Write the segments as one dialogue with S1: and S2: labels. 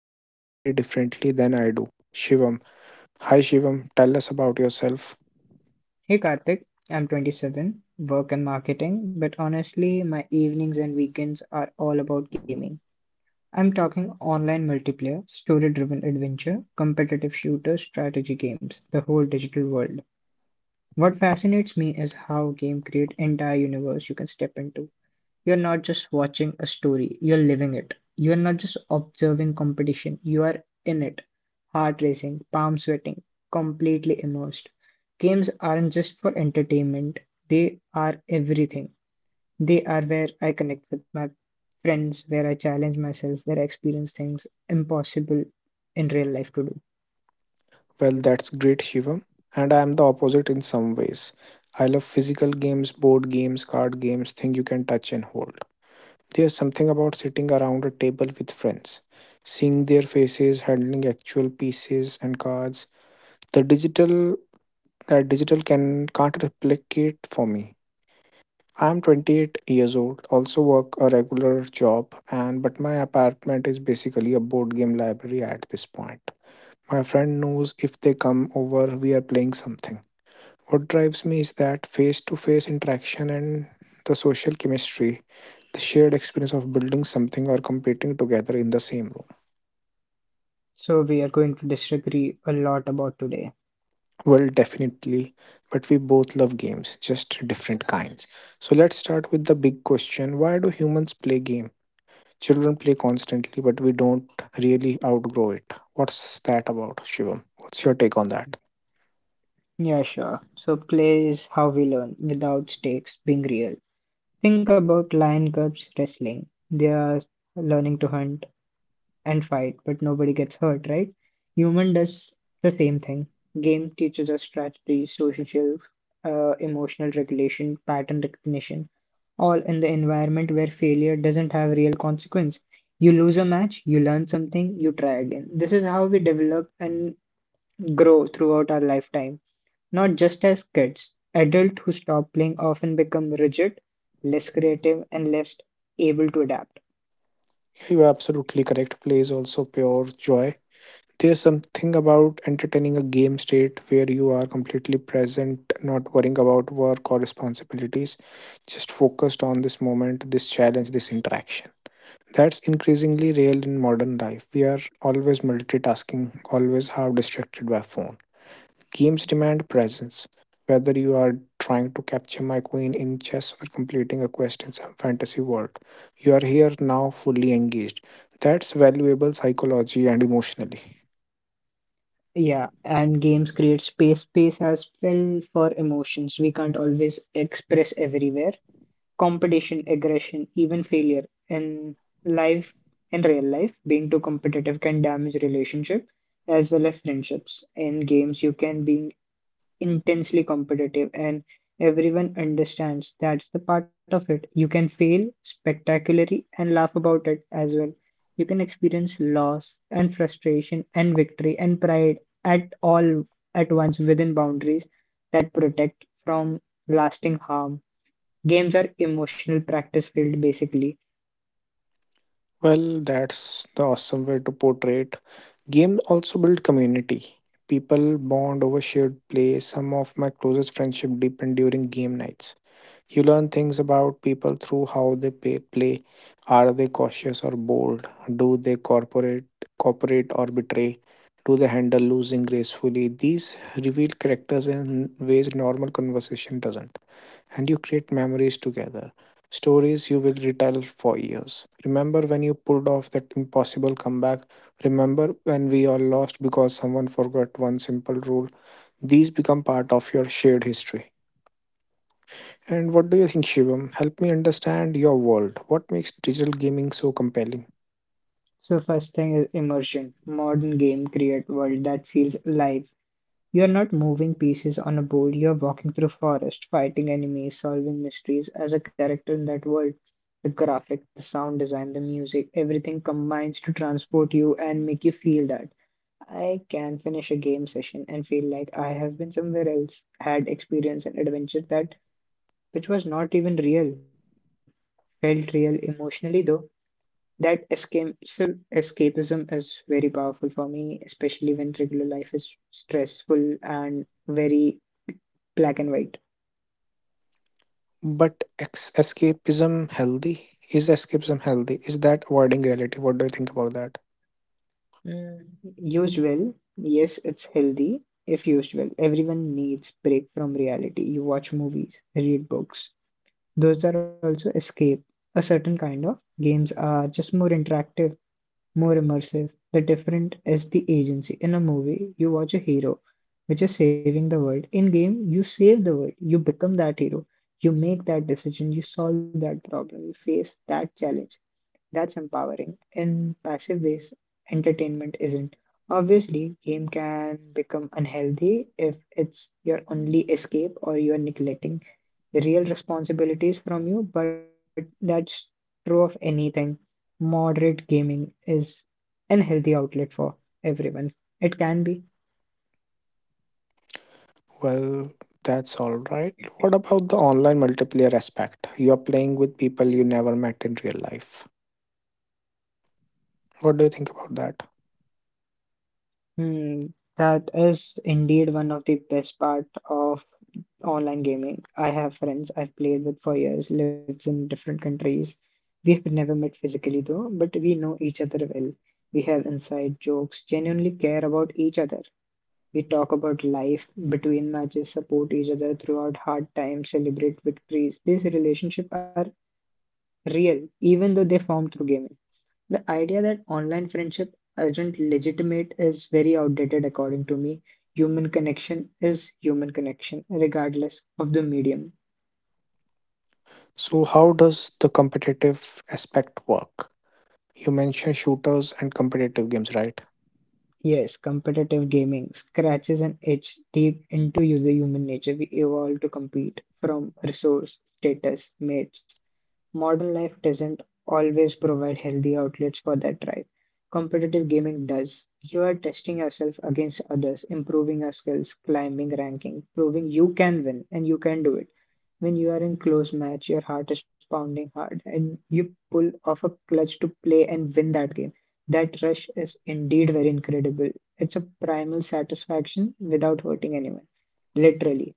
S1: games very differently than I do. Shivam. Hi Shivam, tell us about yourself.
S2: Hey Karthik, I'm 27, work and marketing, but honestly, my evenings and weekends are all about gaming. I'm talking online multiplayer, story driven adventure, competitive shooters, strategy games, the whole digital world. What fascinates me is how game create entire universe you can step into. You're not just watching a story, you're living it. You're not just observing competition, you are in it. Heart racing, palm sweating, completely immersed. Games aren't just for entertainment, they are everything. They are where I connect with my friends, where I challenge myself, where I experience things impossible in real life to do.
S1: Well, that's great, Shivam. And I am the opposite in some ways. I love physical games, board games, card games, things you can touch and hold. There's something about sitting around a table with friends, seeing their faces, handling actual pieces and cards. The digital that digital can't replicate for me. I'm 28 years old, also work a regular job, and but my apartment is basically a board game library at this point. My friend knows if they come over, we are playing something. What drives me is that face to face interaction and the social chemistry, the shared experience of building something or competing together in the same room.
S2: So, we are going to disagree a lot about today.
S1: Well, definitely, but we both love games, just different kinds. So let's start with the big question, why do humans play game? Children play constantly, but we don't really outgrow it. What's that about, Shivam? What's your take on that?
S2: Yeah, sure. So, play is how we learn without stakes being real. Think about lion cubs wrestling. They are learning to hunt and fight, but nobody gets hurt, right? Human does the same thing. Game teaches us strategies, social skills, emotional regulation, pattern recognition, all in the environment where failure doesn't have real consequence. You lose a match, you learn something, you try again. This is how we develop and grow throughout our lifetime. Not just as kids, adults who stop playing often become rigid, less creative, and less able to adapt.
S1: You're absolutely correct. Play is also pure joy. There's something about entertaining a game state where you are completely present, not worrying about work or responsibilities, just focused on this moment, this challenge, this interaction. That's increasingly real in modern life. We are always multitasking, always half distracted by phone. Games demand presence. Whether you are trying to capture my queen in chess or completing a quest in some fantasy world, you are here now fully engaged. That's valuable psychology and emotionally.
S2: Yeah, and games create space. Space as well for emotions we can't always express everywhere. Competition, aggression, even failure in life, in real life, being too competitive can damage relationship as well as friendships. In games, you can be intensely competitive and everyone understands that's the part of it. You can fail spectacularly and laugh about it as well. You can experience loss and frustration and victory and pride at all at once within boundaries that protect from lasting harm. Games are emotional practice field basically.
S1: Well, that's the awesome way to portray it. Games also build community. People bond over shared play. Some of my closest friendship deepen during game nights. You learn things about people through how they play. Are they cautious or bold? Do cooperate or betray? Do they handle losing gracefully? These reveal characters in ways normal conversation doesn't, and you create memories together. Stories you will retell for years. Remember when you pulled off that impossible comeback? Remember when we all lost because someone forgot one simple rule? These become part of your shared history. And what do you think, Shivam? Help me understand your world. What makes digital gaming so compelling?
S2: So first thing is immersion. Modern game create world that feels alive. You're not moving pieces on a board, you're walking through forest, fighting enemies, solving mysteries as a character in that world. The graphic, the sound design, the music, everything combines to transport you and make you feel that I can finish a game session and feel like I have been somewhere else, had experience an adventure that which was not even real, felt real emotionally though. That escapism is very powerful for me, especially when regular life is stressful and very black and white.
S1: But escapism healthy? Is escapism healthy? Is that avoiding reality? What do you think about that?
S2: Mm, used well. Yes, it's healthy if used well. Everyone needs break from reality. You watch movies, read books. Those are also escape. A certain kind of games are just more interactive, more immersive. The different is the agency. In a movie, you watch a hero which is saving the world. In game, you save the world. You become that hero. You make that decision. You solve that problem. You face that challenge. That's empowering in passive ways entertainment isn't. Obviously, game can become unhealthy if it's your only escape or you're neglecting the real responsibilities from you, but that's true of anything. Moderate gaming is an healthy outlet for everyone. It can be.
S1: Well, that's all right. What about the online multiplayer aspect? You're playing with people you never met in real life. What do you think about that?
S2: Hmm, that is indeed one of the best part of online gaming. I have friends I've played with for years, lives in different countries. We've never met physically though, but we know each other well. We have inside jokes, genuinely care about each other. We talk about life between matches, support each other throughout hard times, celebrate victories. These relationships are real, even though they form through gaming. The idea that online friendship isn't legitimate is very outdated, according to me. Human connection is human connection, regardless of the medium.
S1: So, how does the competitive aspect work? You mentioned shooters and competitive games, right?
S2: Yes, competitive gaming scratches an itch deep into user human nature. We evolve to compete from resource, status, mates, modern life doesn't always provide healthy outlets for that drive. Competitive gaming does. You are testing yourself against others, improving your skills, climbing ranking, proving you can win and you can do it. When you are in close match, your heart is pounding hard and you pull off a clutch to play and win that game. That rush is indeed very incredible. It's a primal satisfaction without hurting anyone. Literally.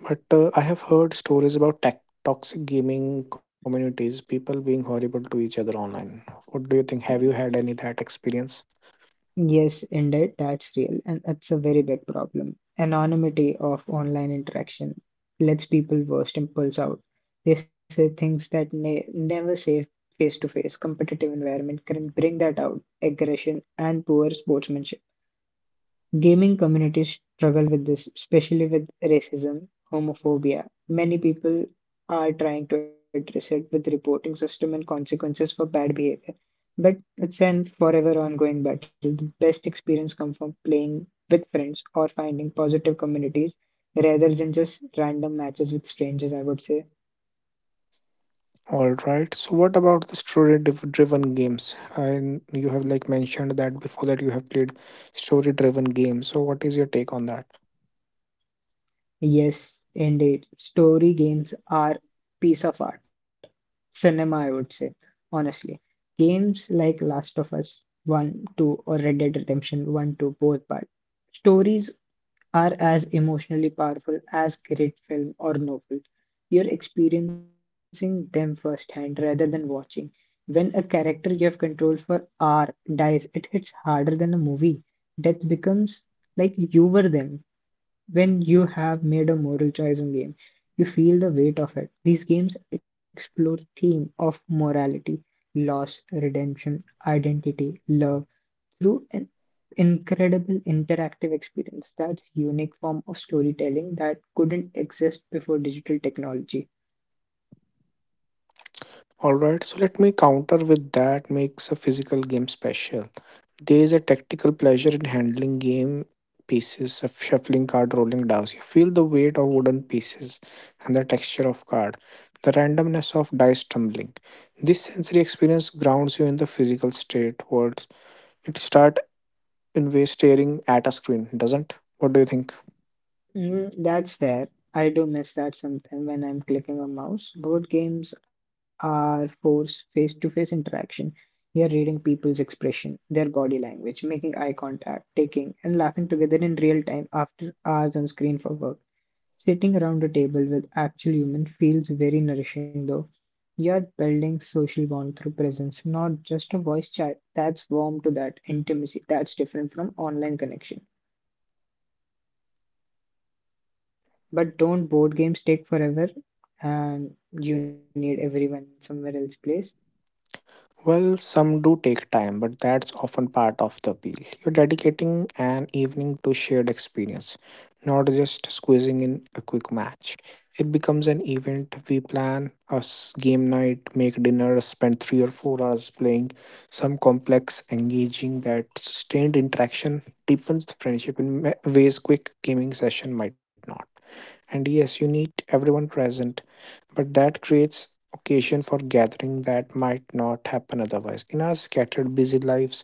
S1: But I have heard stories about tech toxic gaming communities, people being horrible to each other online. What do you think? Have you had any that experience?
S2: Yes, indeed, that's real, and it's a very big problem. Anonymity of online interaction lets people voice impulse out. They say things that ne never say face to face. Competitive environment can bring that out, aggression and poor sportsmanship. Gaming communities struggle with this, especially with racism, homophobia. Many people are trying to address it with reporting system and consequences for bad behavior. But it's an forever ongoing battle. The best experience comes from playing with friends or finding positive communities rather than just random matches with strangers, I would say.
S1: All right. So what about the driven games? And you have like mentioned that before that you have played story driven games. So what is your take on that?
S2: Yes, indeed. Story games are piece of art. Cinema, I would say, honestly. Games like Last of Us 1, 2, or Red Dead Redemption 1, 2, both part. Stories are as emotionally powerful as great film or novel. You're experiencing them firsthand rather than watching. When a character you have control for R dies, it hits harder than a movie. Death becomes like you were them when you have made a moral choice in game you feel the weight of it. These games explore theme of morality, loss, redemption, identity, love through an incredible interactive experience. That's unique form of storytelling that couldn't exist before digital technology.
S1: Alright, so let me counter with that makes a physical game special. There is a tactical pleasure in handling game pieces, of shuffling card, rolling dice. You feel the weight of wooden pieces and the texture of card, the randomness of dice tumbling. This sensory experience grounds you in the physical state words. It start in way staring at a screen, doesn't? What do you think?
S2: Mm, that's fair. I do miss that sometimes when I'm clicking a mouse. Board games are force face-to-face interaction. You're reading people's expression, their body language, making eye contact, taking and laughing together in real time after hours on screen for work. Sitting around a table with actual humans feels very nourishing though. You're building social bond through presence, not just a voice chat. That's warm to that intimacy. That's different from online connection. But don't board games take forever and you need everyone somewhere else place?
S1: Well, some do take time, but that's often part of the appeal. You're dedicating an evening to shared experience, not just squeezing in a quick match. It becomes an event. We plan game night, make dinner, spend 3 or 4 hours playing some complex, engaging that sustained interaction deepens the friendship in ways quick gaming session might not. And yes, you need everyone present but that creates occasion for gathering that might not happen otherwise. In our scattered, busy lives,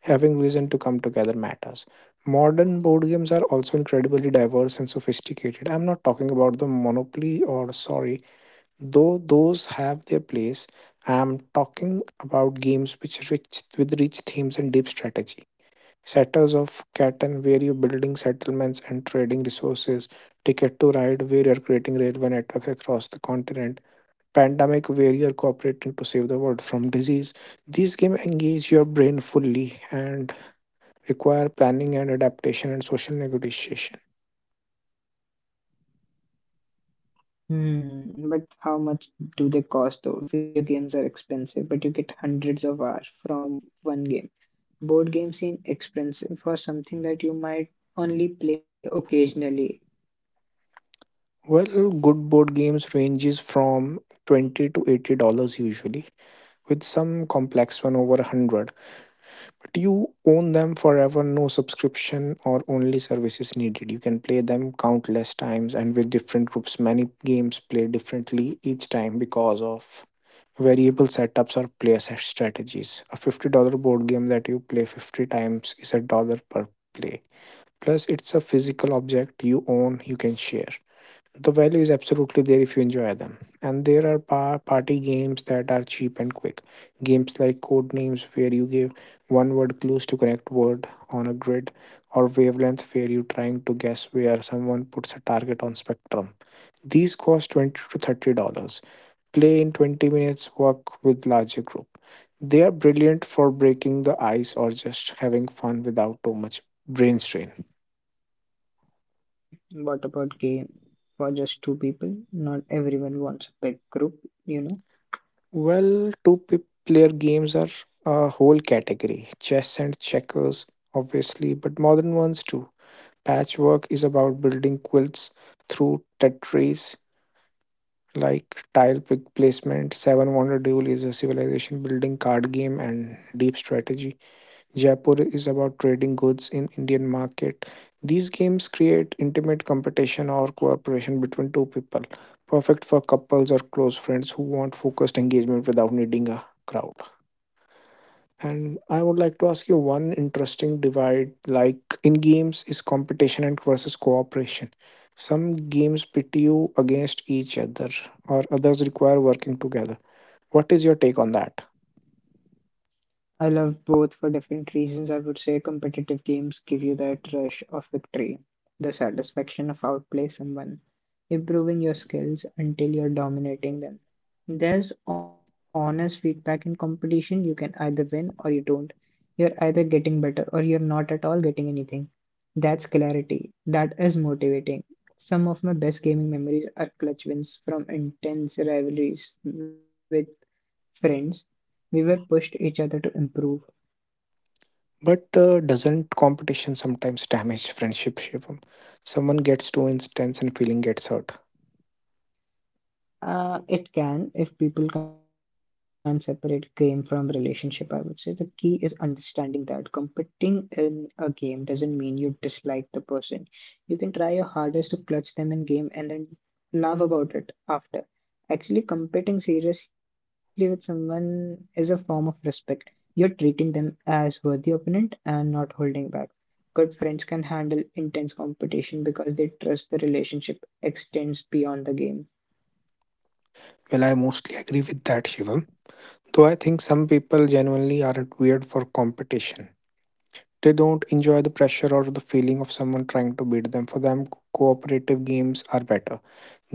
S1: having reason to come together matters. Modern board games are also incredibly diverse and sophisticated. I'm not talking about the Monopoly or Sorry, though those have their place. I'm talking about games which rich themes and deep strategy. Setters of Catan, where you're building settlements and trading resources. Ticket to Ride, where you're creating railway networks across the continent. Pandemic, where you're cooperating to save the world from disease. These games engage your brain fully and require planning and adaptation and social negotiation.
S2: Hmm, but how much do they cost though? Video games are expensive, but you get hundreds of hours from one game. Board games seem expensive for something that you might only play occasionally.
S1: Well, good board games ranges from 20 to $80 usually, with some complex one over 100. But you own them forever, no subscription or only services needed. You can play them countless times and with different groups. Many games play differently each time because of variable setups or player set strategies. A $50 board game that you play 50 times is a dollar per play. Plus it's a physical object you own, you can share. The value is absolutely there if you enjoy them. And there are party games that are cheap and quick. Games like code names, where you give one word clues to connect word on a grid, or wavelength, where you're trying to guess where someone puts a target on spectrum. These cost 20 to $30, play in 20 minutes, work with larger group. They are brilliant for breaking the ice or just having fun without too much brain strain.
S2: What about game for just two people? Not everyone wants a big group, you know.
S1: Well, player games are a whole category. Chess and checkers, obviously, but modern ones too. Patchwork is about building quilts through Tetris, like tile pick placement. Seven Wonder Duel is a civilization building card game and deep strategy. Jaipur is about trading goods in Indian market. These games create intimate competition or cooperation between two people, perfect for couples or close friends who want focused engagement without needing a crowd. And I would like to ask you one interesting divide like in games is competition and versus cooperation. Some games pit you against each other or others require working together. What is your take on that?
S2: I love both for different reasons. I would say competitive games give you that rush of victory, the satisfaction of outplay someone, improving your skills until you're dominating them. There's honest feedback in competition. You can either win or you don't. You're either getting better or you're not at all getting anything. That's clarity. That is motivating. Some of my best gaming memories are clutch wins from intense rivalries with friends. We were pushed each other to improve.
S1: But doesn't competition sometimes damage friendship, Shivam? Someone gets too intense and feeling gets hurt.
S2: It can, if people can separate game from relationship, I would say. The key is understanding that competing in a game doesn't mean you dislike the person. You can try your hardest to clutch them in game and then laugh about it after. Actually, competing seriously with someone is a form of respect. You're treating them as worthy opponent and not holding back. Good friends can handle intense competition because they trust the relationship extends beyond the game.
S1: Well, I mostly agree with that, Shivam. Though I think some people genuinely aren't weird for competition. They don't enjoy the pressure or the feeling of someone trying to beat them. For them, cooperative games are better.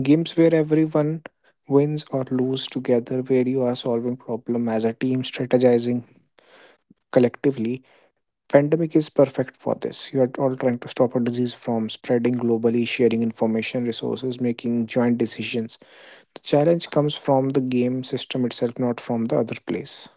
S1: Games where everyone wins or loses together, where you are solving problem as a team, strategizing collectively. Pandemic is perfect for this. You are all trying to stop a disease from spreading globally, sharing information, resources, making joint decisions. The challenge comes from the game system itself, not from the other place.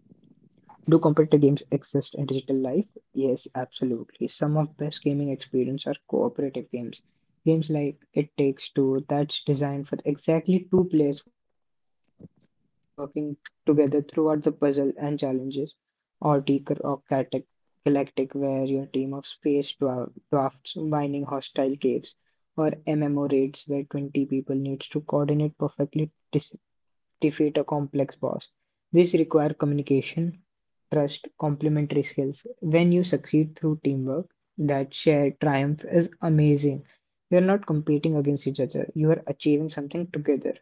S2: Do competitive games exist in digital life? Yes, absolutely. Some of best gaming experience are cooperative games. Games like It Takes Two that's designed for exactly two players working together throughout the puzzle and challenges, or Deeker or Galactic where your team of space dwarfs mining hostile caves, or MMO raids where 20 people needs to coordinate perfectly to defeat a complex boss. These require communication, trust, complementary skills. When you succeed through teamwork, that shared triumph is amazing. You're not competing against each other, you are achieving something together.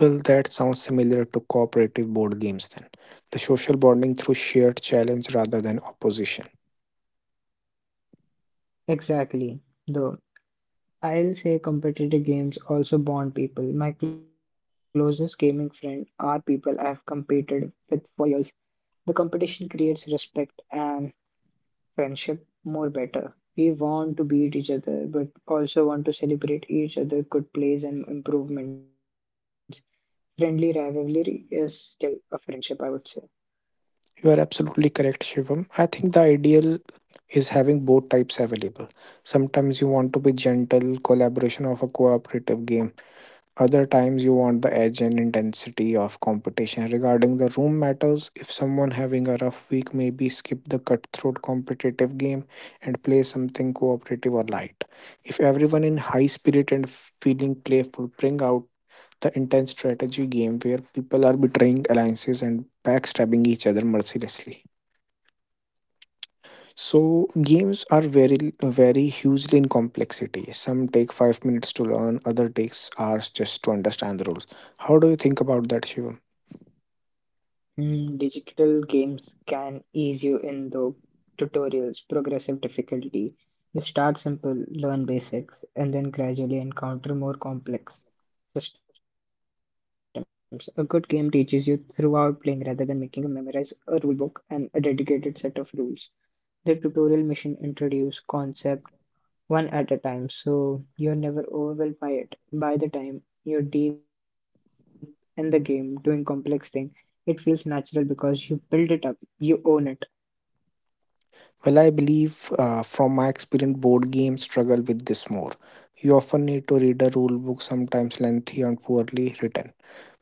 S1: Well, that sounds similar to cooperative board games then. The social bonding through shared challenge rather than opposition.
S2: Exactly. Though I'll say competitive games also bond people. My closest gaming friend are people I've competed with for years. The competition creates respect and friendship more better. We want to beat each other, but also want to celebrate each other good plays and improvements. Friendly rivalry is still a friendship, I would say.
S1: You are absolutely correct, Shivam. I think the ideal is having both types available. Sometimes you want to be gentle collaboration of a cooperative game, other times you want the edge and intensity of competition. Regarding the room matters, if someone having a rough week, maybe skip the cutthroat competitive game and play something cooperative or light. If everyone in high spirit and feeling playful, bring out the intense strategy game where people are betraying alliances and backstabbing each other mercilessly. So games are very hugely in complexity. Some take 5 minutes to learn, other takes hours just to understand the rules. How do you think about that, Shivam?
S2: Mm, digital games can ease you in though. Tutorials, progressive difficulty. You start simple, learn basics, and then gradually encounter more complex systems. A good game teaches you throughout playing rather than making you memorize a rule book and a dedicated set of rules. The tutorial mission introduce concepts one at a time so you're never overwhelmed by it. By the time you're deep in the game doing complex thing, it feels natural because you build it up, you own it.
S1: Well, I believe, from my experience, board games struggle with this more. You often need to read a rule book, sometimes lengthy and poorly written,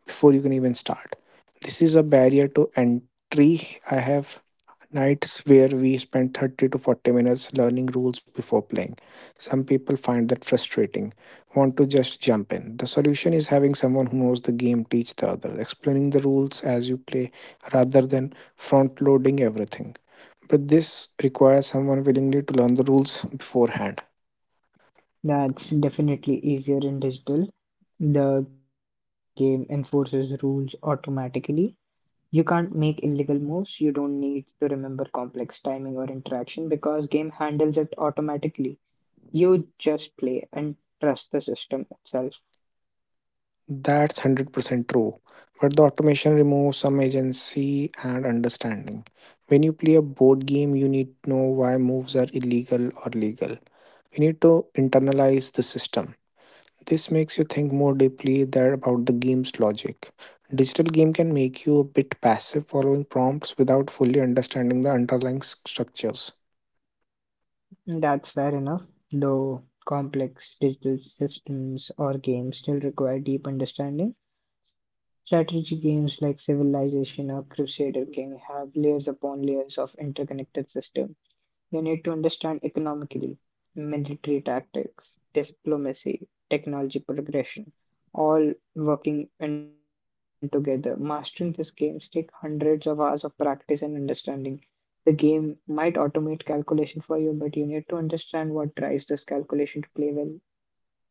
S1: before you can even start. This is a barrier to entry. I have nights where we spend 30 to 40 minutes learning rules before playing. Some people find that frustrating, want to just jump in. The solution is having someone who knows the game teach the others, explaining the rules as you play rather than front loading everything. But this requires someone willingly to learn the rules beforehand.
S2: That's definitely easier in digital. The game enforces rules automatically. You can't make illegal moves. You don't need to remember complex timing or interaction because game handles it automatically. You just play and trust the system itself.
S1: That's 100% true. But the automation removes some agency and understanding. When you play a board game, you need to know why moves are illegal or legal. We need to internalize the system. This makes you think more deeply there about the game's logic. Digital game can make you a bit passive following prompts without fully understanding the underlying structures.
S2: That's fair enough, though complex digital systems or games still require deep understanding. Strategy games like Civilization or Crusader King have layers upon layers of interconnected systems. You need to understand economically, military tactics, diplomacy, technology progression, all working in together. Mastering this game takes hundreds of hours of practice and understanding. The game might automate calculation for you, but you need to understand what drives this calculation to play well.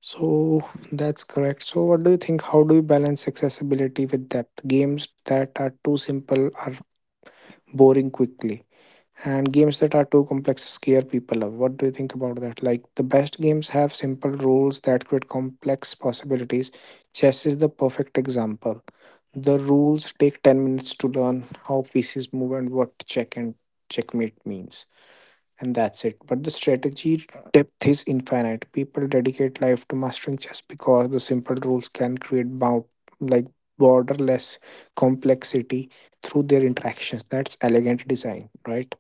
S1: So that's correct. So what do you think? How do you balance accessibility with depth? Games that are too simple are boring quickly, and games that are too complex scare people away. What do you think about that? Like the best games have simple rules that create complex possibilities. Chess is the perfect example. The rules take 10 minutes to learn how pieces move and what check and checkmate means and that's it. But the strategy depth is infinite. People dedicate life to mastering chess because the simple rules can create bound, like, borderless complexity through their interactions. That's elegant design, right?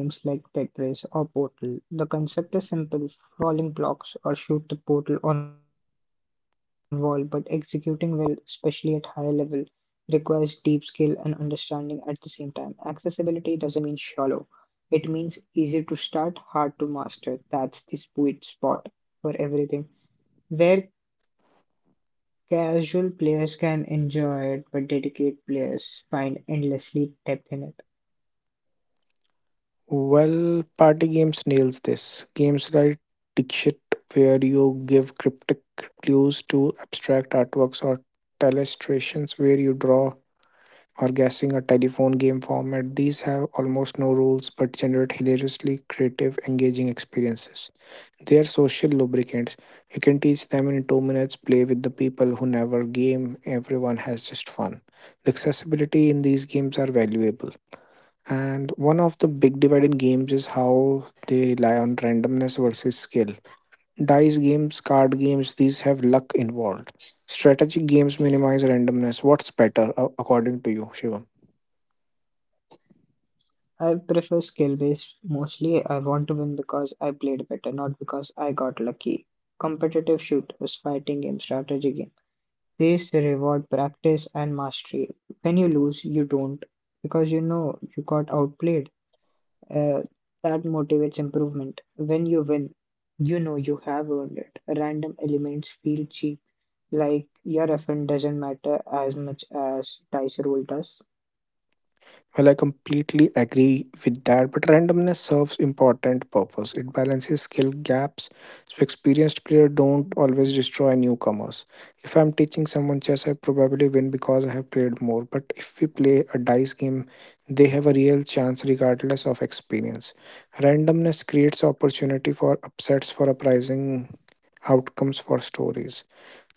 S2: Same with games like Tetris or Portal. The concept is simple falling blocks or shoot the portal on wall, but executing well, especially at higher level, requires deep skill and understanding at the same time. Accessibility doesn't mean shallow, it means easy to start, hard to master. That's the sweet spot for everything. Where casual players can enjoy it, but dedicated players find endlessly depth in it.
S1: Well, party games nails this. Games like Dixit, where you give cryptic clues to abstract artworks, or Telestrations, where you draw or guessing a telephone game format. These have almost no rules but generate hilariously creative, engaging experiences. They are social lubricants. You can teach them in two minutes, play with the people who never game, everyone has just fun. The accessibility in these games are valuable. And one of the big divide in games is how they rely on randomness versus skill. Dice games, card games, these have luck involved. Strategic games minimize randomness. What's better, according to you, Shivam?
S2: I prefer skill based mostly. I want to win because I played better, not because I got lucky. Competitive shooters, fighting game, strategy game. These reward practice and mastery. When you lose, you don't because you know you got outplayed. Uh, that motivates improvement. When you win, you know you have earned it. Random elements feel cheap, like your effort doesn't matter as much as dice roll does.
S1: Well, I completely agree with that, but randomness serves important purpose. It balances skill gaps, so experienced players don't always destroy newcomers. If I'm teaching someone chess, I probably win because I have played more. But if we play a dice game, they have a real chance regardless of experience. Randomness creates opportunity for upsets, for uprising outcomes, for stories.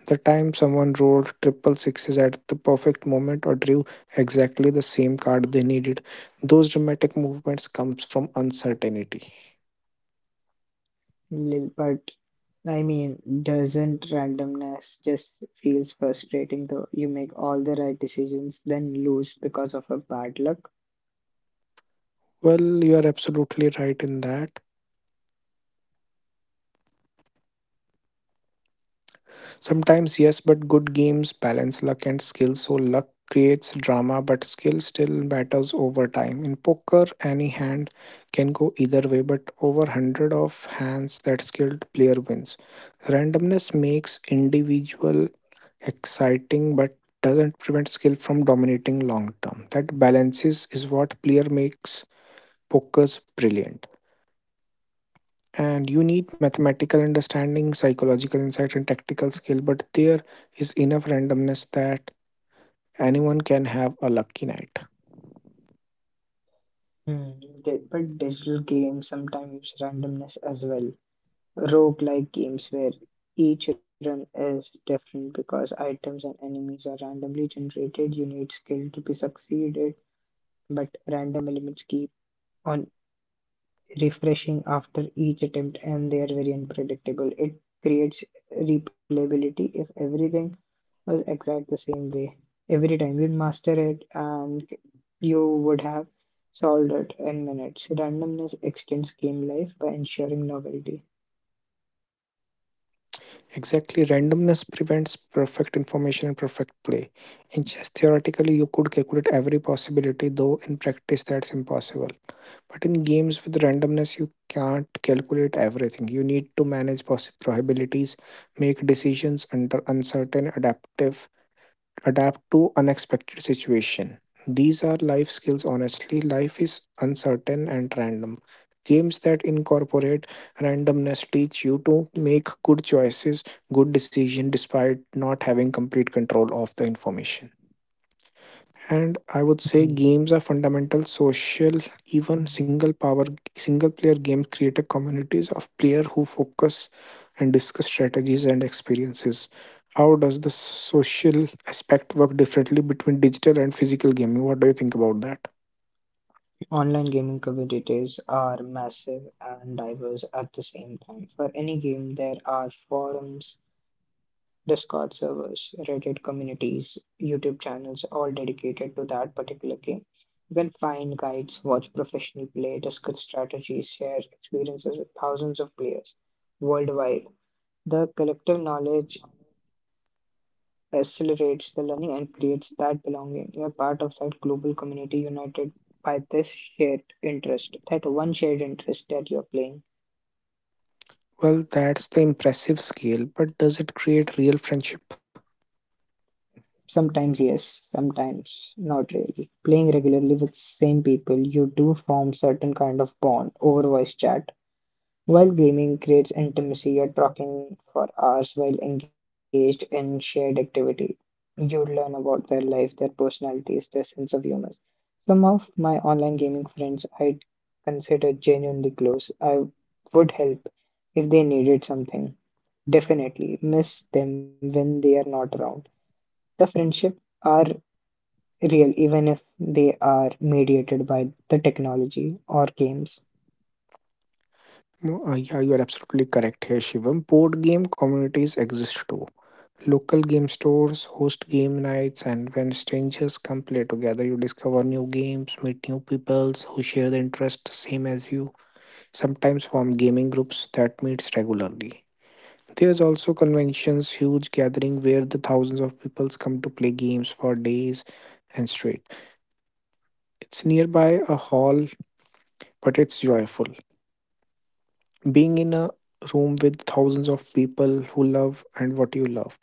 S1: The time someone rolled triple sixes at the perfect moment or drew exactly the same card they needed, those dramatic movements comes from uncertainty.
S2: But I mean, doesn't randomness just feels frustrating though? You make all the right decisions, then lose because of a bad luck.
S1: Well, you are absolutely right in that. Sometimes yes, but good games balance luck and skill. So luck creates drama, but skill still matters over time. In poker, any hand can go either way, but over 100 of hands that skilled player wins. Randomness makes individual exciting but doesn't prevent skill from dominating long term. That balances is what player makes pokers brilliant. And you need mathematical understanding, psychological insight, and tactical skill, but there is enough randomness that anyone can have a lucky night.
S2: Hmm. But digital games sometimes use randomness as well. Roguelike games where each run is different because items and enemies are randomly generated. You need skill to be succeeded, but random elements keep on refreshing after each attempt and they are very unpredictable. It creates replayability. If everything was exact the same way every time, you'd master it and you would have solved it in minutes. Randomness extends game life by ensuring novelty.
S1: Exactly, randomness prevents perfect information and perfect play. In chess, theoretically, you could calculate every possibility, though in practice, that's impossible. But in games with randomness, you can't calculate everything. You need to manage possible probabilities, make decisions under uncertain, adapt to unexpected situation. These are life skills. Honestly, life is uncertain and random. Games that incorporate randomness teach you to make good choices, good decision despite not having complete control of the information. And I
S2: Mhm.
S1: would say games are fundamental social. Even single player games create a communities of player who focus and discuss strategies and experiences. How does the social aspect work differently between digital and physical gaming? What do you think about that?
S2: Online gaming communities are massive and diverse at the same time. For any game there are forums, discord servers, reddit communities, youtube channels all dedicated to that particular game. They'll find guides, watch professional play, discuss strategies, share experiences with thousands of players worldwide. The collective knowledge accelerates the learning and creates that belonging. You're part of that global community united by this shared interest, that one shared interest that you're playing.
S1: Well, that's the impressive scale, but does it create real friendship?
S2: Sometimes, yes, sometimes not really. Playing regularly with same people, you do form certain kind of bond over voice chat. While gaming creates intimacy, you're talking for hours while engaged in shared activity. You learn about their life, their personalities, their sense of humor. Some of my online gaming friends I consider genuinely close. I would help if they needed something. Definitely miss them when they are not around. The friendship are real even if they are mediated by the technology or games.
S1: No, yeah, you are absolutely correct here, Shivam. Board game communities exist too. Local game stores host game nights, and when strangers come play together, you discover new games, meet new peoples who share the interest same as you. Sometimes form gaming groups that meets regularly. There's also conventions, huge gathering where the thousands of peoples come to play games for days and straight. It's nearby a hall, but it's joyful. Being in a room with thousands of people who love and what you love,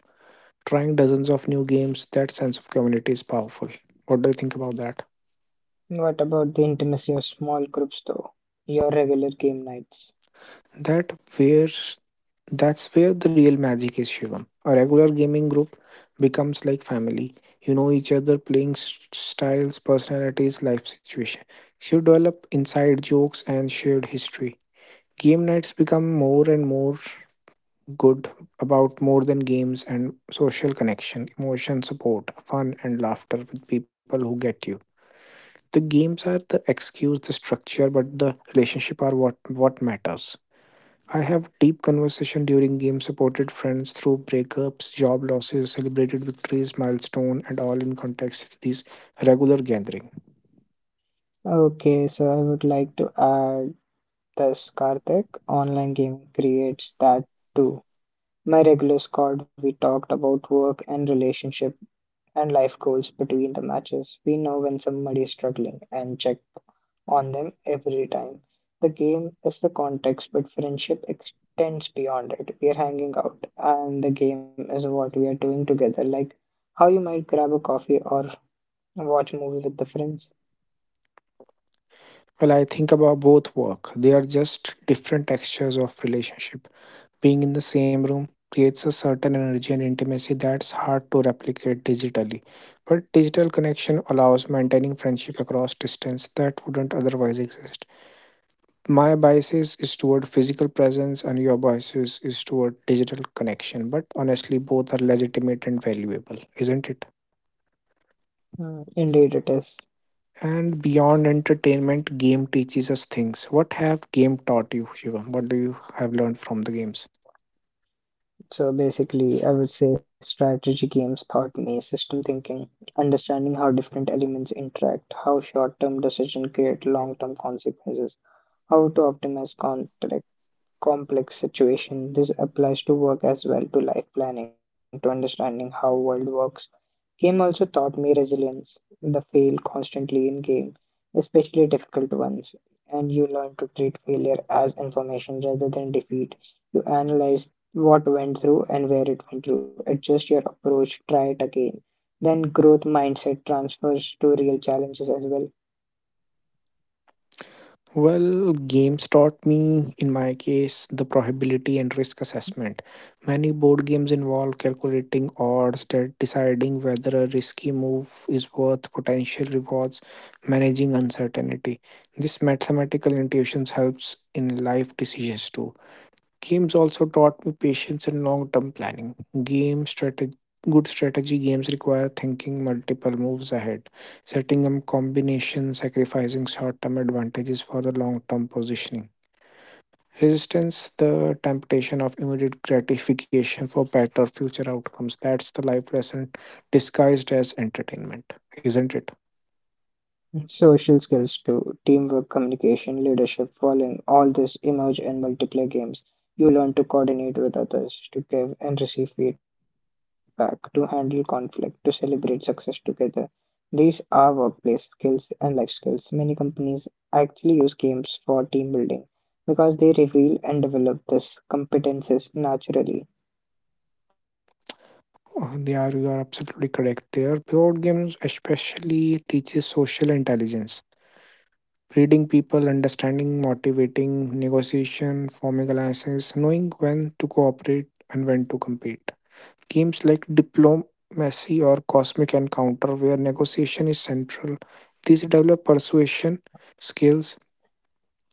S1: trying dozens of new games, that sense of community is powerful. What do you think about that?
S2: What about the intimacy of small groups, though? Your regular game nights.
S1: That where That's where the real magic is, Shivam. A regular gaming group becomes like family. You know each other, playing styles, personalities, life situation. You develop inside jokes and shared history. Game nights become more and more good about more than games and social connection, emotion support, fun, and laughter with people who get you. The games are the excuse, the structure, but the relationship are what matters. I have deep conversation during game supported friends through breakups, job losses, celebrated victories, milestone, and all in context with these regular gathering.
S2: Okay, so I would like to add this, Karthik. Online gaming creates that too. My regular squad, we talked about work and relationship and life goals between the matches. We know when somebody is struggling and check on them every time. The game is the context, but friendship extends beyond it. We are hanging out, and the game is what we are doing together, like how you might grab a coffee or watch movie with the friends.
S1: Well, I think about both work. They are just different textures of relationship. Being in the same room creates a certain energy and intimacy that's hard to replicate digitally. But digital connection allows maintaining friendship across distance that wouldn't otherwise exist. My biases is toward physical presence and your biases is toward digital connection, but honestly both are legitimate and valuable, isn't it?
S2: Mm, indeed, it is.
S1: And beyond entertainment, game teaches us things. What have game taught you, Shivam? What do you have learned from the games?
S2: So basically, I would say strategy games taught me system thinking, understanding how different elements interact, how short term decision create long term consequences, how to optimize context. Complex situation. This applies to work as well, to life planning, to understanding how world works. Game also taught me resilience, the fail constantly in game, especially difficult ones. And you learn to treat failure as information rather than defeat. You analyze what went through and where it went through. Adjust your approach, try it again. Then growth mindset transfers to real challenges as well.
S1: Well, games taught me, in my case, the probability and risk assessment. Many board games involve calculating odds, deciding whether a risky move is worth potential rewards, managing uncertainty. This mathematical intuitions helps in life decisions too. Games also taught me patience and long term planning. Game strategy Good strategy games require thinking multiple moves ahead, setting up combinations, sacrificing short term advantages for the long term positioning. Resistance, the temptation of immediate gratification for better future outcomes. That's the life lesson disguised as entertainment, isn't it?
S2: Social skills too, teamwork, communication, leadership, following all this emerge in multiplayer games. You learn to coordinate with others, to give and receive feedback, to handle conflict, to celebrate success together. These are workplace skills and life skills. Many companies actually use games for team building because they reveal and develop these competences naturally.
S1: Oh, yeah, you are absolutely correct there. Board games especially teaches social intelligence. Reading people, understanding, motivating, negotiation, forming alliances, knowing when to cooperate and when to compete. Games like diplomacy or cosmic encounter, where negotiation is central, these develop persuasion skills,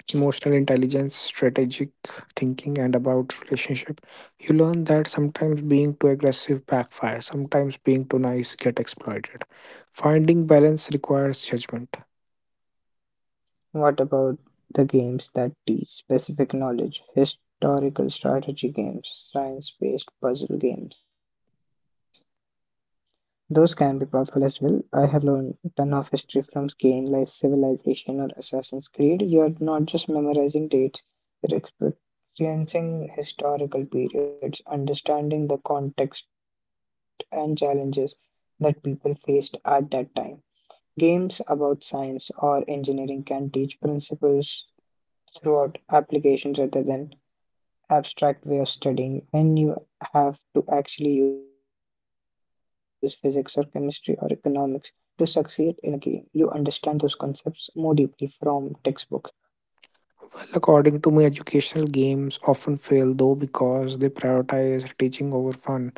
S1: emotional intelligence, strategic thinking, and about relationship. You learn that sometimes being too aggressive backfires, sometimes being too nice get exploited. Finding balance requires judgment.
S2: What about the games that teach specific knowledge, historical strategy games, science-based puzzle games? Those can be powerful as well. I have learned ton of history from games like Civilization or Assassin's Creed. You're not just memorizing dates, you're experiencing historical periods, understanding the context and challenges that people faced at that time. Games about science or engineering can teach principles throughout applications rather than abstract way of studying. When you have to actually use physics or chemistry or economics to succeed in a game, you understand those concepts more deeply from textbooks.
S1: Well, according to me, educational games often fail though because they prioritize teaching over fun.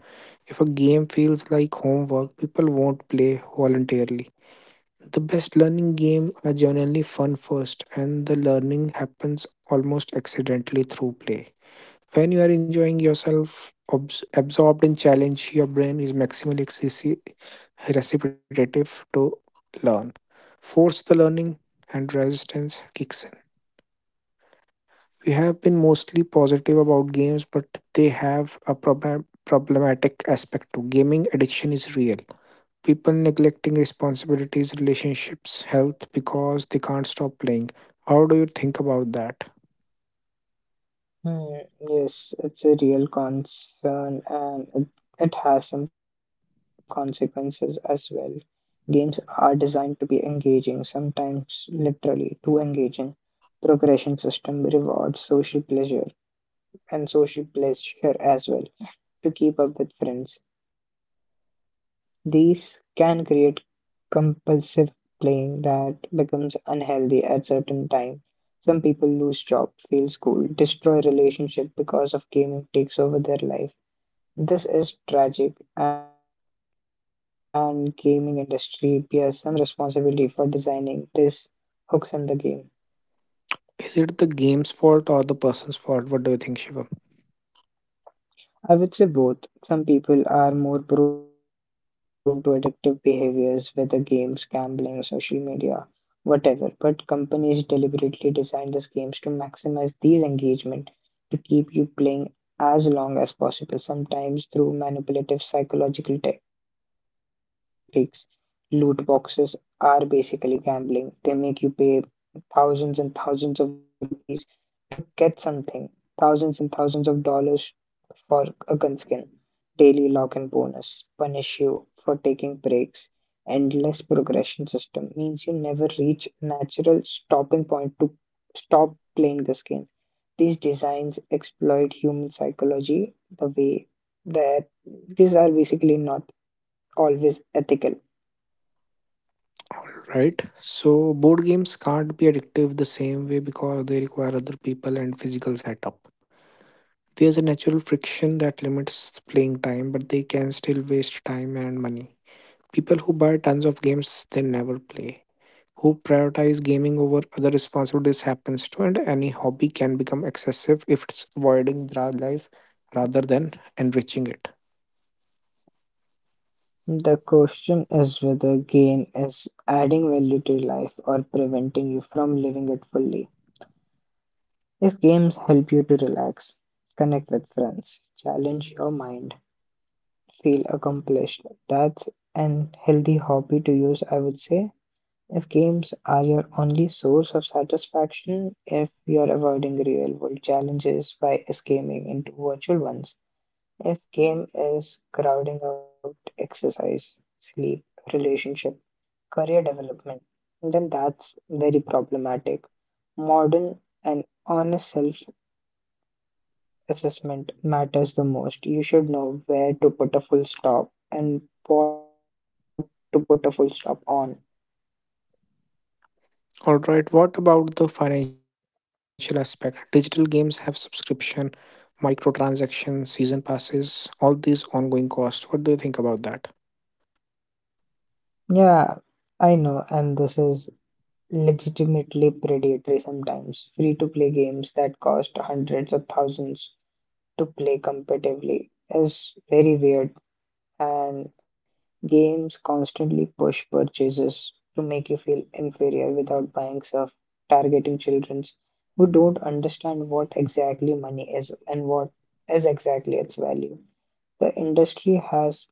S1: If a game feels like homework, people won't play voluntarily. The best learning game are generally fun first, and the learning happens almost accidentally through play. When you are enjoying yourself, absorbed in challenge, your brain is reciprocative to learn. Force the learning, and resistance kicks in. We have been mostly positive about games, but they have a problematic aspect to gaming. Addiction is real. People neglecting responsibilities, relationships, health because they can't stop playing. How do you think about that?
S2: Hmm, yes, it's a real concern, and it has some consequences as well. Games are designed to be engaging, sometimes literally too engaging. Progression system rewards social pleasure and social pleasure as well to keep up with friends. These can create compulsive playing that becomes unhealthy at certain time. Some people lose job, fail school, destroy relationship because of gaming takes over their life. This is tragic and gaming industry bears some responsibility for designing these hooks in the game.
S1: Is it the game's fault or the person's fault? What do you think, Shiva?
S2: I would say both. Some people are more prone to addictive behaviors, whether games, gambling, social media, whatever. But companies deliberately design these games to maximize these engagement to keep you playing as long as possible, sometimes through manipulative psychological tactics. Loot boxes are basically gambling. They make you pay thousands and thousands of rupees to get something, thousands and thousands of dollars for a gun skin. Daily log and bonus punish you for taking breaks. Endless progression system means you never reach natural stopping point to stop playing this game. These designs exploit human psychology the way that these are basically not always ethical.
S1: All right so board games can't be addictive the same way because they require other people and physical setup. There's a natural friction that limits playing time, but they can still waste time and money. People who buy tons of games they never play, who prioritize gaming over other responsibilities happens to, and any hobby can become excessive if it's avoiding the life rather than enriching it.
S2: The question is whether game is adding value to your life or preventing you from living it fully. If games help you to relax, connect with friends, challenge your mind, feel accomplished. That's an healthy hobby to use, I would say. If games are your only source of satisfaction, if you're avoiding real world challenges by escaping into virtual ones, if game is crowding out exercise, sleep, relationship, career development, then that's very problematic. Modern and honest self assessment matters the most. You should know where to put a full stop and what to put a full stop on.
S1: Alright, what about the financial aspect? Digital games have subscription, microtransaction, season passes, all these ongoing costs. What do you think about that?
S2: Yeah, I know, and this is legitimately predatory sometimes. Free to play games that cost hundreds of thousands to play competitively is very weird, and games constantly push purchases to make you feel inferior without buying stuff, targeting children who don't understand what exactly money is and what is exactly its value. The industry has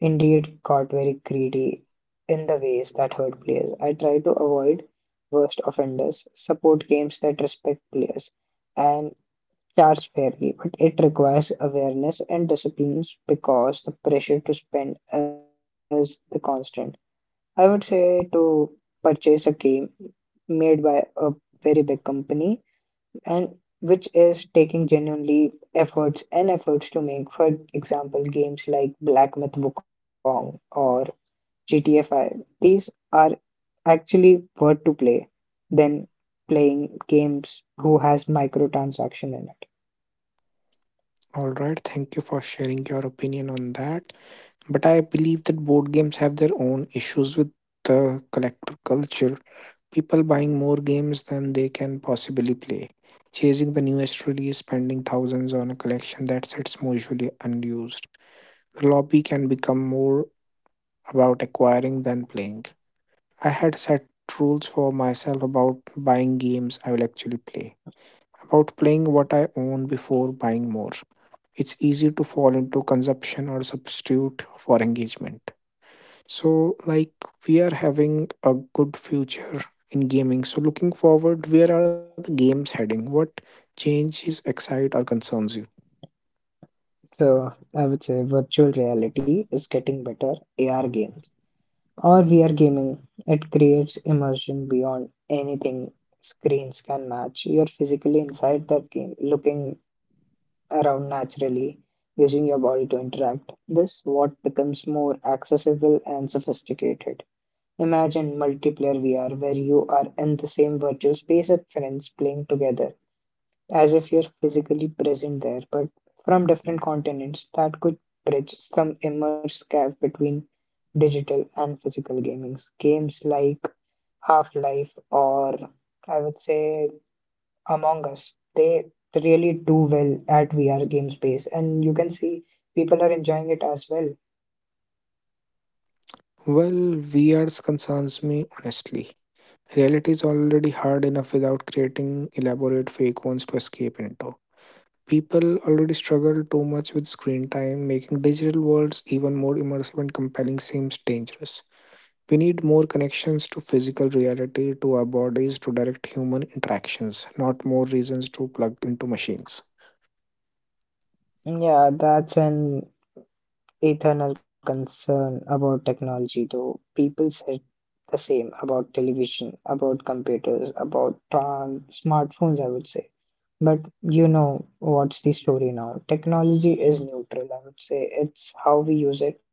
S2: indeed got very greedy in the ways that hurt players. I try to avoid worst offenders, support games that respect players, and charge fairly, but it requires awareness and disciplines because the pressure to spend is the constant. I would say to purchase a game made by a very big company and which is taking genuinely efforts and efforts to make, for example, games like Black Myth Wukong or GTA 5. These are actually worth to play than playing games who has microtransaction in it.
S1: Alright, thank you for sharing your opinion on that. But I believe that board games have their own issues with the collector culture. People buying more games than they can possibly play, chasing the newest release, spending thousands on a collection that sits mostly unused. The lobby can become more about acquiring than playing. I had set rules for myself about buying games I will actually play, about playing what I own before buying more. It's easy to fall into consumption or substitute for engagement. So, like, we are having a good future in gaming. So, looking forward, where are the games heading? What changes excite or concerns you?
S2: So I would say virtual reality is getting better. AR games or VR gaming, it creates immersion beyond anything screens can match. You're physically inside that game, looking around naturally, using your body to interact. This what becomes more accessible and sophisticated. Imagine multiplayer VR where you are in the same virtual space as friends playing together as if you're physically present there, but from different continents. That could bridge some immense gap between digital and physical gamings. Games like Half Life or I would say Among Us, they really do well at VR game space, and you can see people are enjoying it as well.
S1: Well, VR concerns me honestly. Reality is already hard enough without creating elaborate fake ones to escape into. People already struggle too much with screen time, making digital worlds even more immersive and compelling seems dangerous. We need more connections to physical reality, to our bodies, to direct human interactions, not more reasons to plug into machines.
S2: Yeah, that's an eternal concern about technology, though. People said the same about television, about computers, about smartphones, I would say. But you know what's the story now? Technology is neutral, I would say. It's how we use it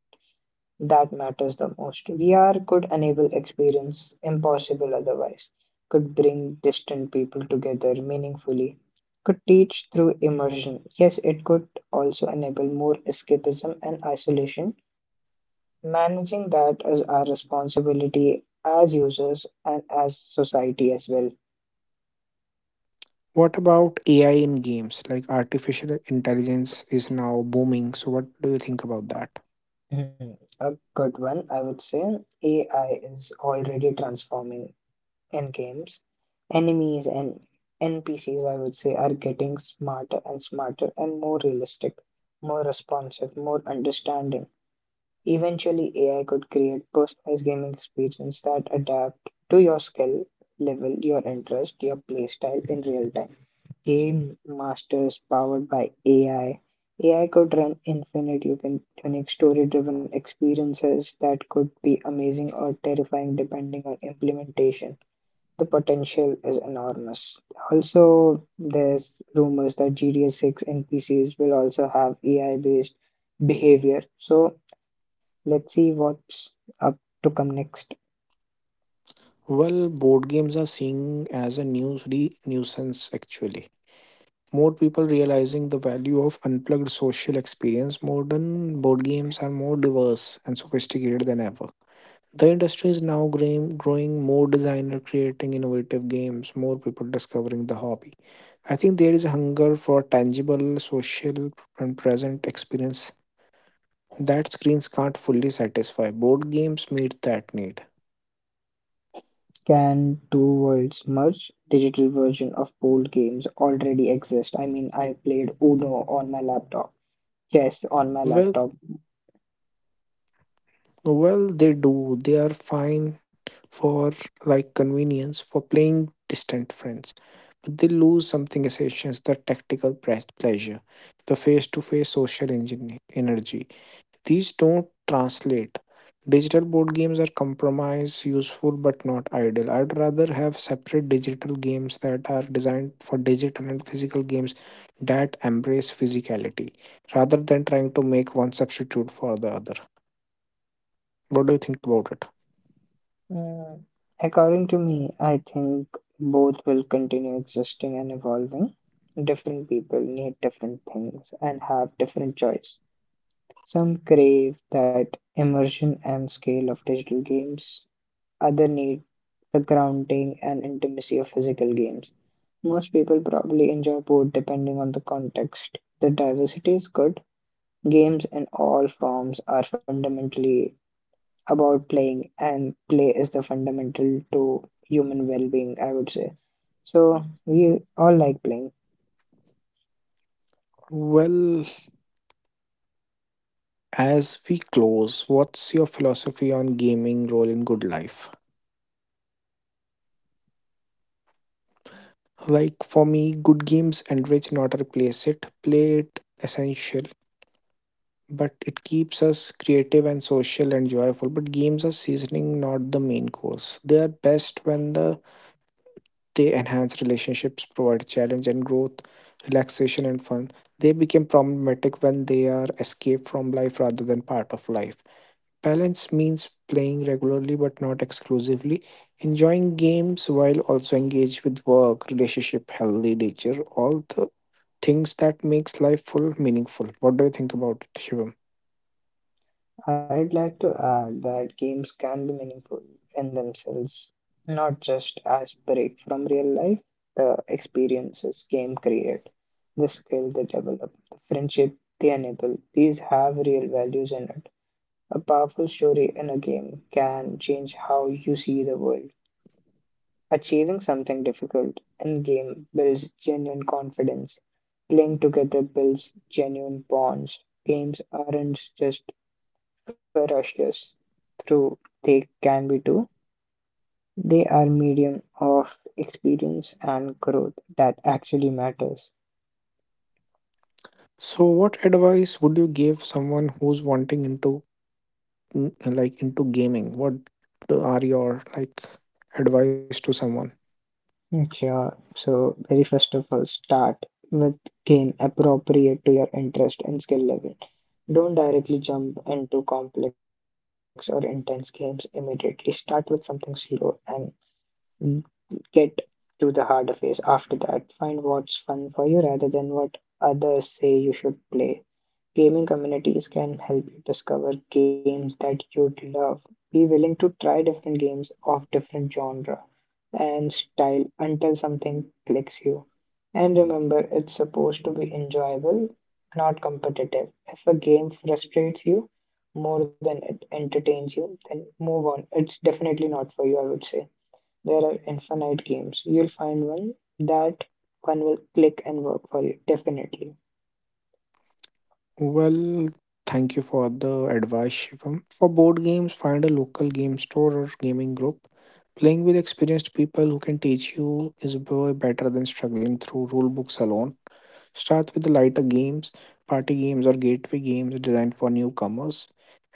S2: that matters the most. VR could enable experience impossible otherwise, could bring distant people together meaningfully, could teach through immersion. Yes, it could also enable more escapism and isolation. Managing that is our responsibility as users and as society as well.
S1: What about AI in games? Like artificial intelligence is now booming. So, what do you think about that?
S2: Hmm, a good one, I would say. AI is already transforming in games. Enemies and NPCs, I would say, are getting smarter and smarter and more realistic, more responsive, more understanding. Eventually, AI could create personalized gaming experience that adapt to your skill level, your interest, your playstyle in real time. Game masters powered by AI. AI could run infinite you can unique story driven experiences that could be amazing or terrifying depending on implementation. The potential is enormous. Also, there's rumors that GTA 6 NPCs will also have AI based behavior. So, let's see what's up to come next.
S1: Well, board games are seen as a nuisance actually. More people realizing the value of unplugged social experience, modern board games are more diverse and sophisticated than ever. The industry is now growing, growing more designer creating innovative games, more people discovering the hobby. I think there is a hunger for tangible, social, and present experience that screens can't fully satisfy. Board games meet that need.
S2: Can two worlds merge? Digital version of board games already exist. I mean, I played Uno on my laptop, chess on my
S1: Well,
S2: laptop.
S1: well, they do. They are fine for like convenience for playing distant friends, but they lose something essential: the pleasure, the face-to-face social engine energy. These don't translate. Digital board games are compromise, useful but not ideal. I'd rather have separate digital games that are designed for digital and physical games that embrace physicality rather than trying to make one substitute for the other. What do you think about it?
S2: Mm, according to me, I think both will continue existing and evolving. Different people need different things and have different choice. Some crave that immersion and scale of digital games, other need the grounding and intimacy of physical games. Most people probably enjoy both, depending on the context. The diversity is good. Games in all forms are fundamentally about playing, and play is the fundamental to human well being, I would say. So, we all like playing.
S1: Well, as we close, what's your philosophy on gaming role in good life? Like for me, good games enrich, not replace it. Play it essential, but it keeps us creative and social and joyful. But games are seasoning, not the main course. They are best when they enhance relationships, provide challenge and growth, relaxation and fun. They become problematic when they are escape from life rather than part of life. Balance means playing regularly but not exclusively, enjoying games while also engaged with work, relationship, healthy nature, all the things that makes life full meaningful. What do you think about it, Shivam?
S2: I'd like to add that games can be meaningful in themselves, not just as break from real life, the experiences game create. The skill they develop, the friendship they enable, these have real values in it. A powerful story in a game can change how you see the world. Achieving something difficult in game builds genuine confidence. Playing together builds genuine bonds. Games aren't just ferocious through they can be too. They are medium of experience and growth that actually matters.
S1: So, what advice would you give someone who's wanting into, like, into gaming? What are your, like, advice to someone?
S2: Mm, sure. So, very first of all, start with game appropriate to your interest and skill level. Don't directly jump into complex or intense games immediately. Start with something slow and get to the harder phase after that. Find what's fun for you rather than what others say you should play. Gaming communities can help you discover games that you'd love. Be willing to try different games of different genre and style until something clicks you. And remember, it's supposed to be enjoyable, not competitive. If a game frustrates you more than it entertains you, then move on. It's definitely not for you, I would say. There are infinite games. You'll find one that one will click and work for you, definitely.
S1: Well, thank you for the advice, Shivam. For board games, find a local game store or gaming group. Playing with experienced people who can teach you is way better than struggling through rule books alone. Start with the lighter games, party games, or gateway games designed for newcomers.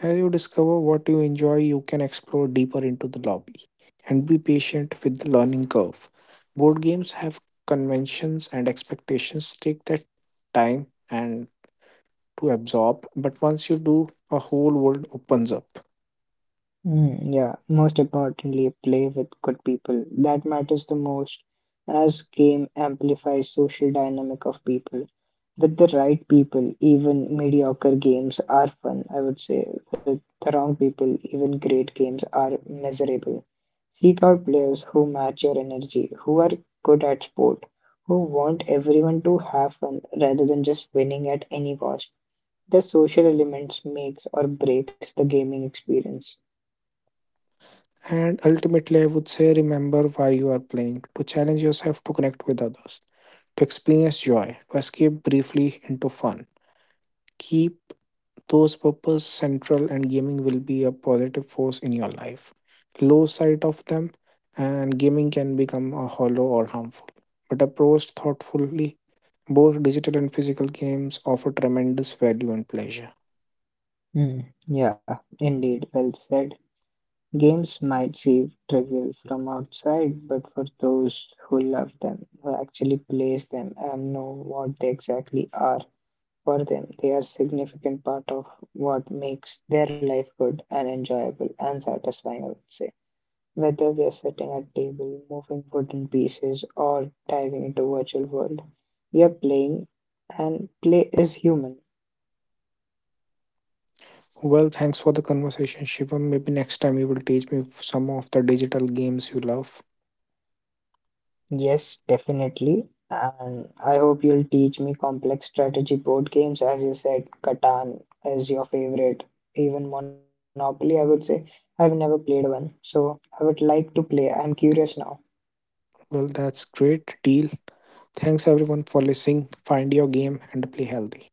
S1: As you discover what you enjoy, you can explore deeper into the lobby and be patient with the learning curve. Board games have conventions and expectations, take that time and to absorb, but once you do, a whole world opens up.
S2: Mm, yeah, most importantly, play with good people. That matters the most, as game amplifies social dynamic of people. With the right people, even mediocre games are fun, I would say. With the wrong people, even great games are miserable. Seek out players who match your energy, who are good at sport, who want everyone to have fun rather than just winning at any cost. The social elements makes or breaks the gaming experience.
S1: And ultimately, I would say remember why you are playing, to challenge yourself, to connect with others, to experience joy, to escape briefly into fun. Keep those purpose central and gaming will be a positive force in your life. Lose sight of them and gaming can become a hollow or harmful. But approached thoughtfully, both digital and physical games offer tremendous value and pleasure.
S2: Hmm, yeah, indeed, well said. Games might seem trivial from outside, but for those who love them, who actually plays them and know what they exactly are, for them, they are significant part of what makes their life good and enjoyable and satisfying, I would say. Whether we are sitting at table, moving wooden pieces, or diving into virtual world, we are playing, and play is human.
S1: Well, thanks for the conversation, Shivam. Maybe next time you will teach me some of the digital games you love.
S2: Yes, definitely. And I hope you'll teach me complex strategy board games. As you said, Catan is your favorite, even Monopoly, I would say. I've never played one, so I would like to play. I'm curious now.
S1: Well, that's great deal. Thanks everyone for listening. Find your game and play healthy.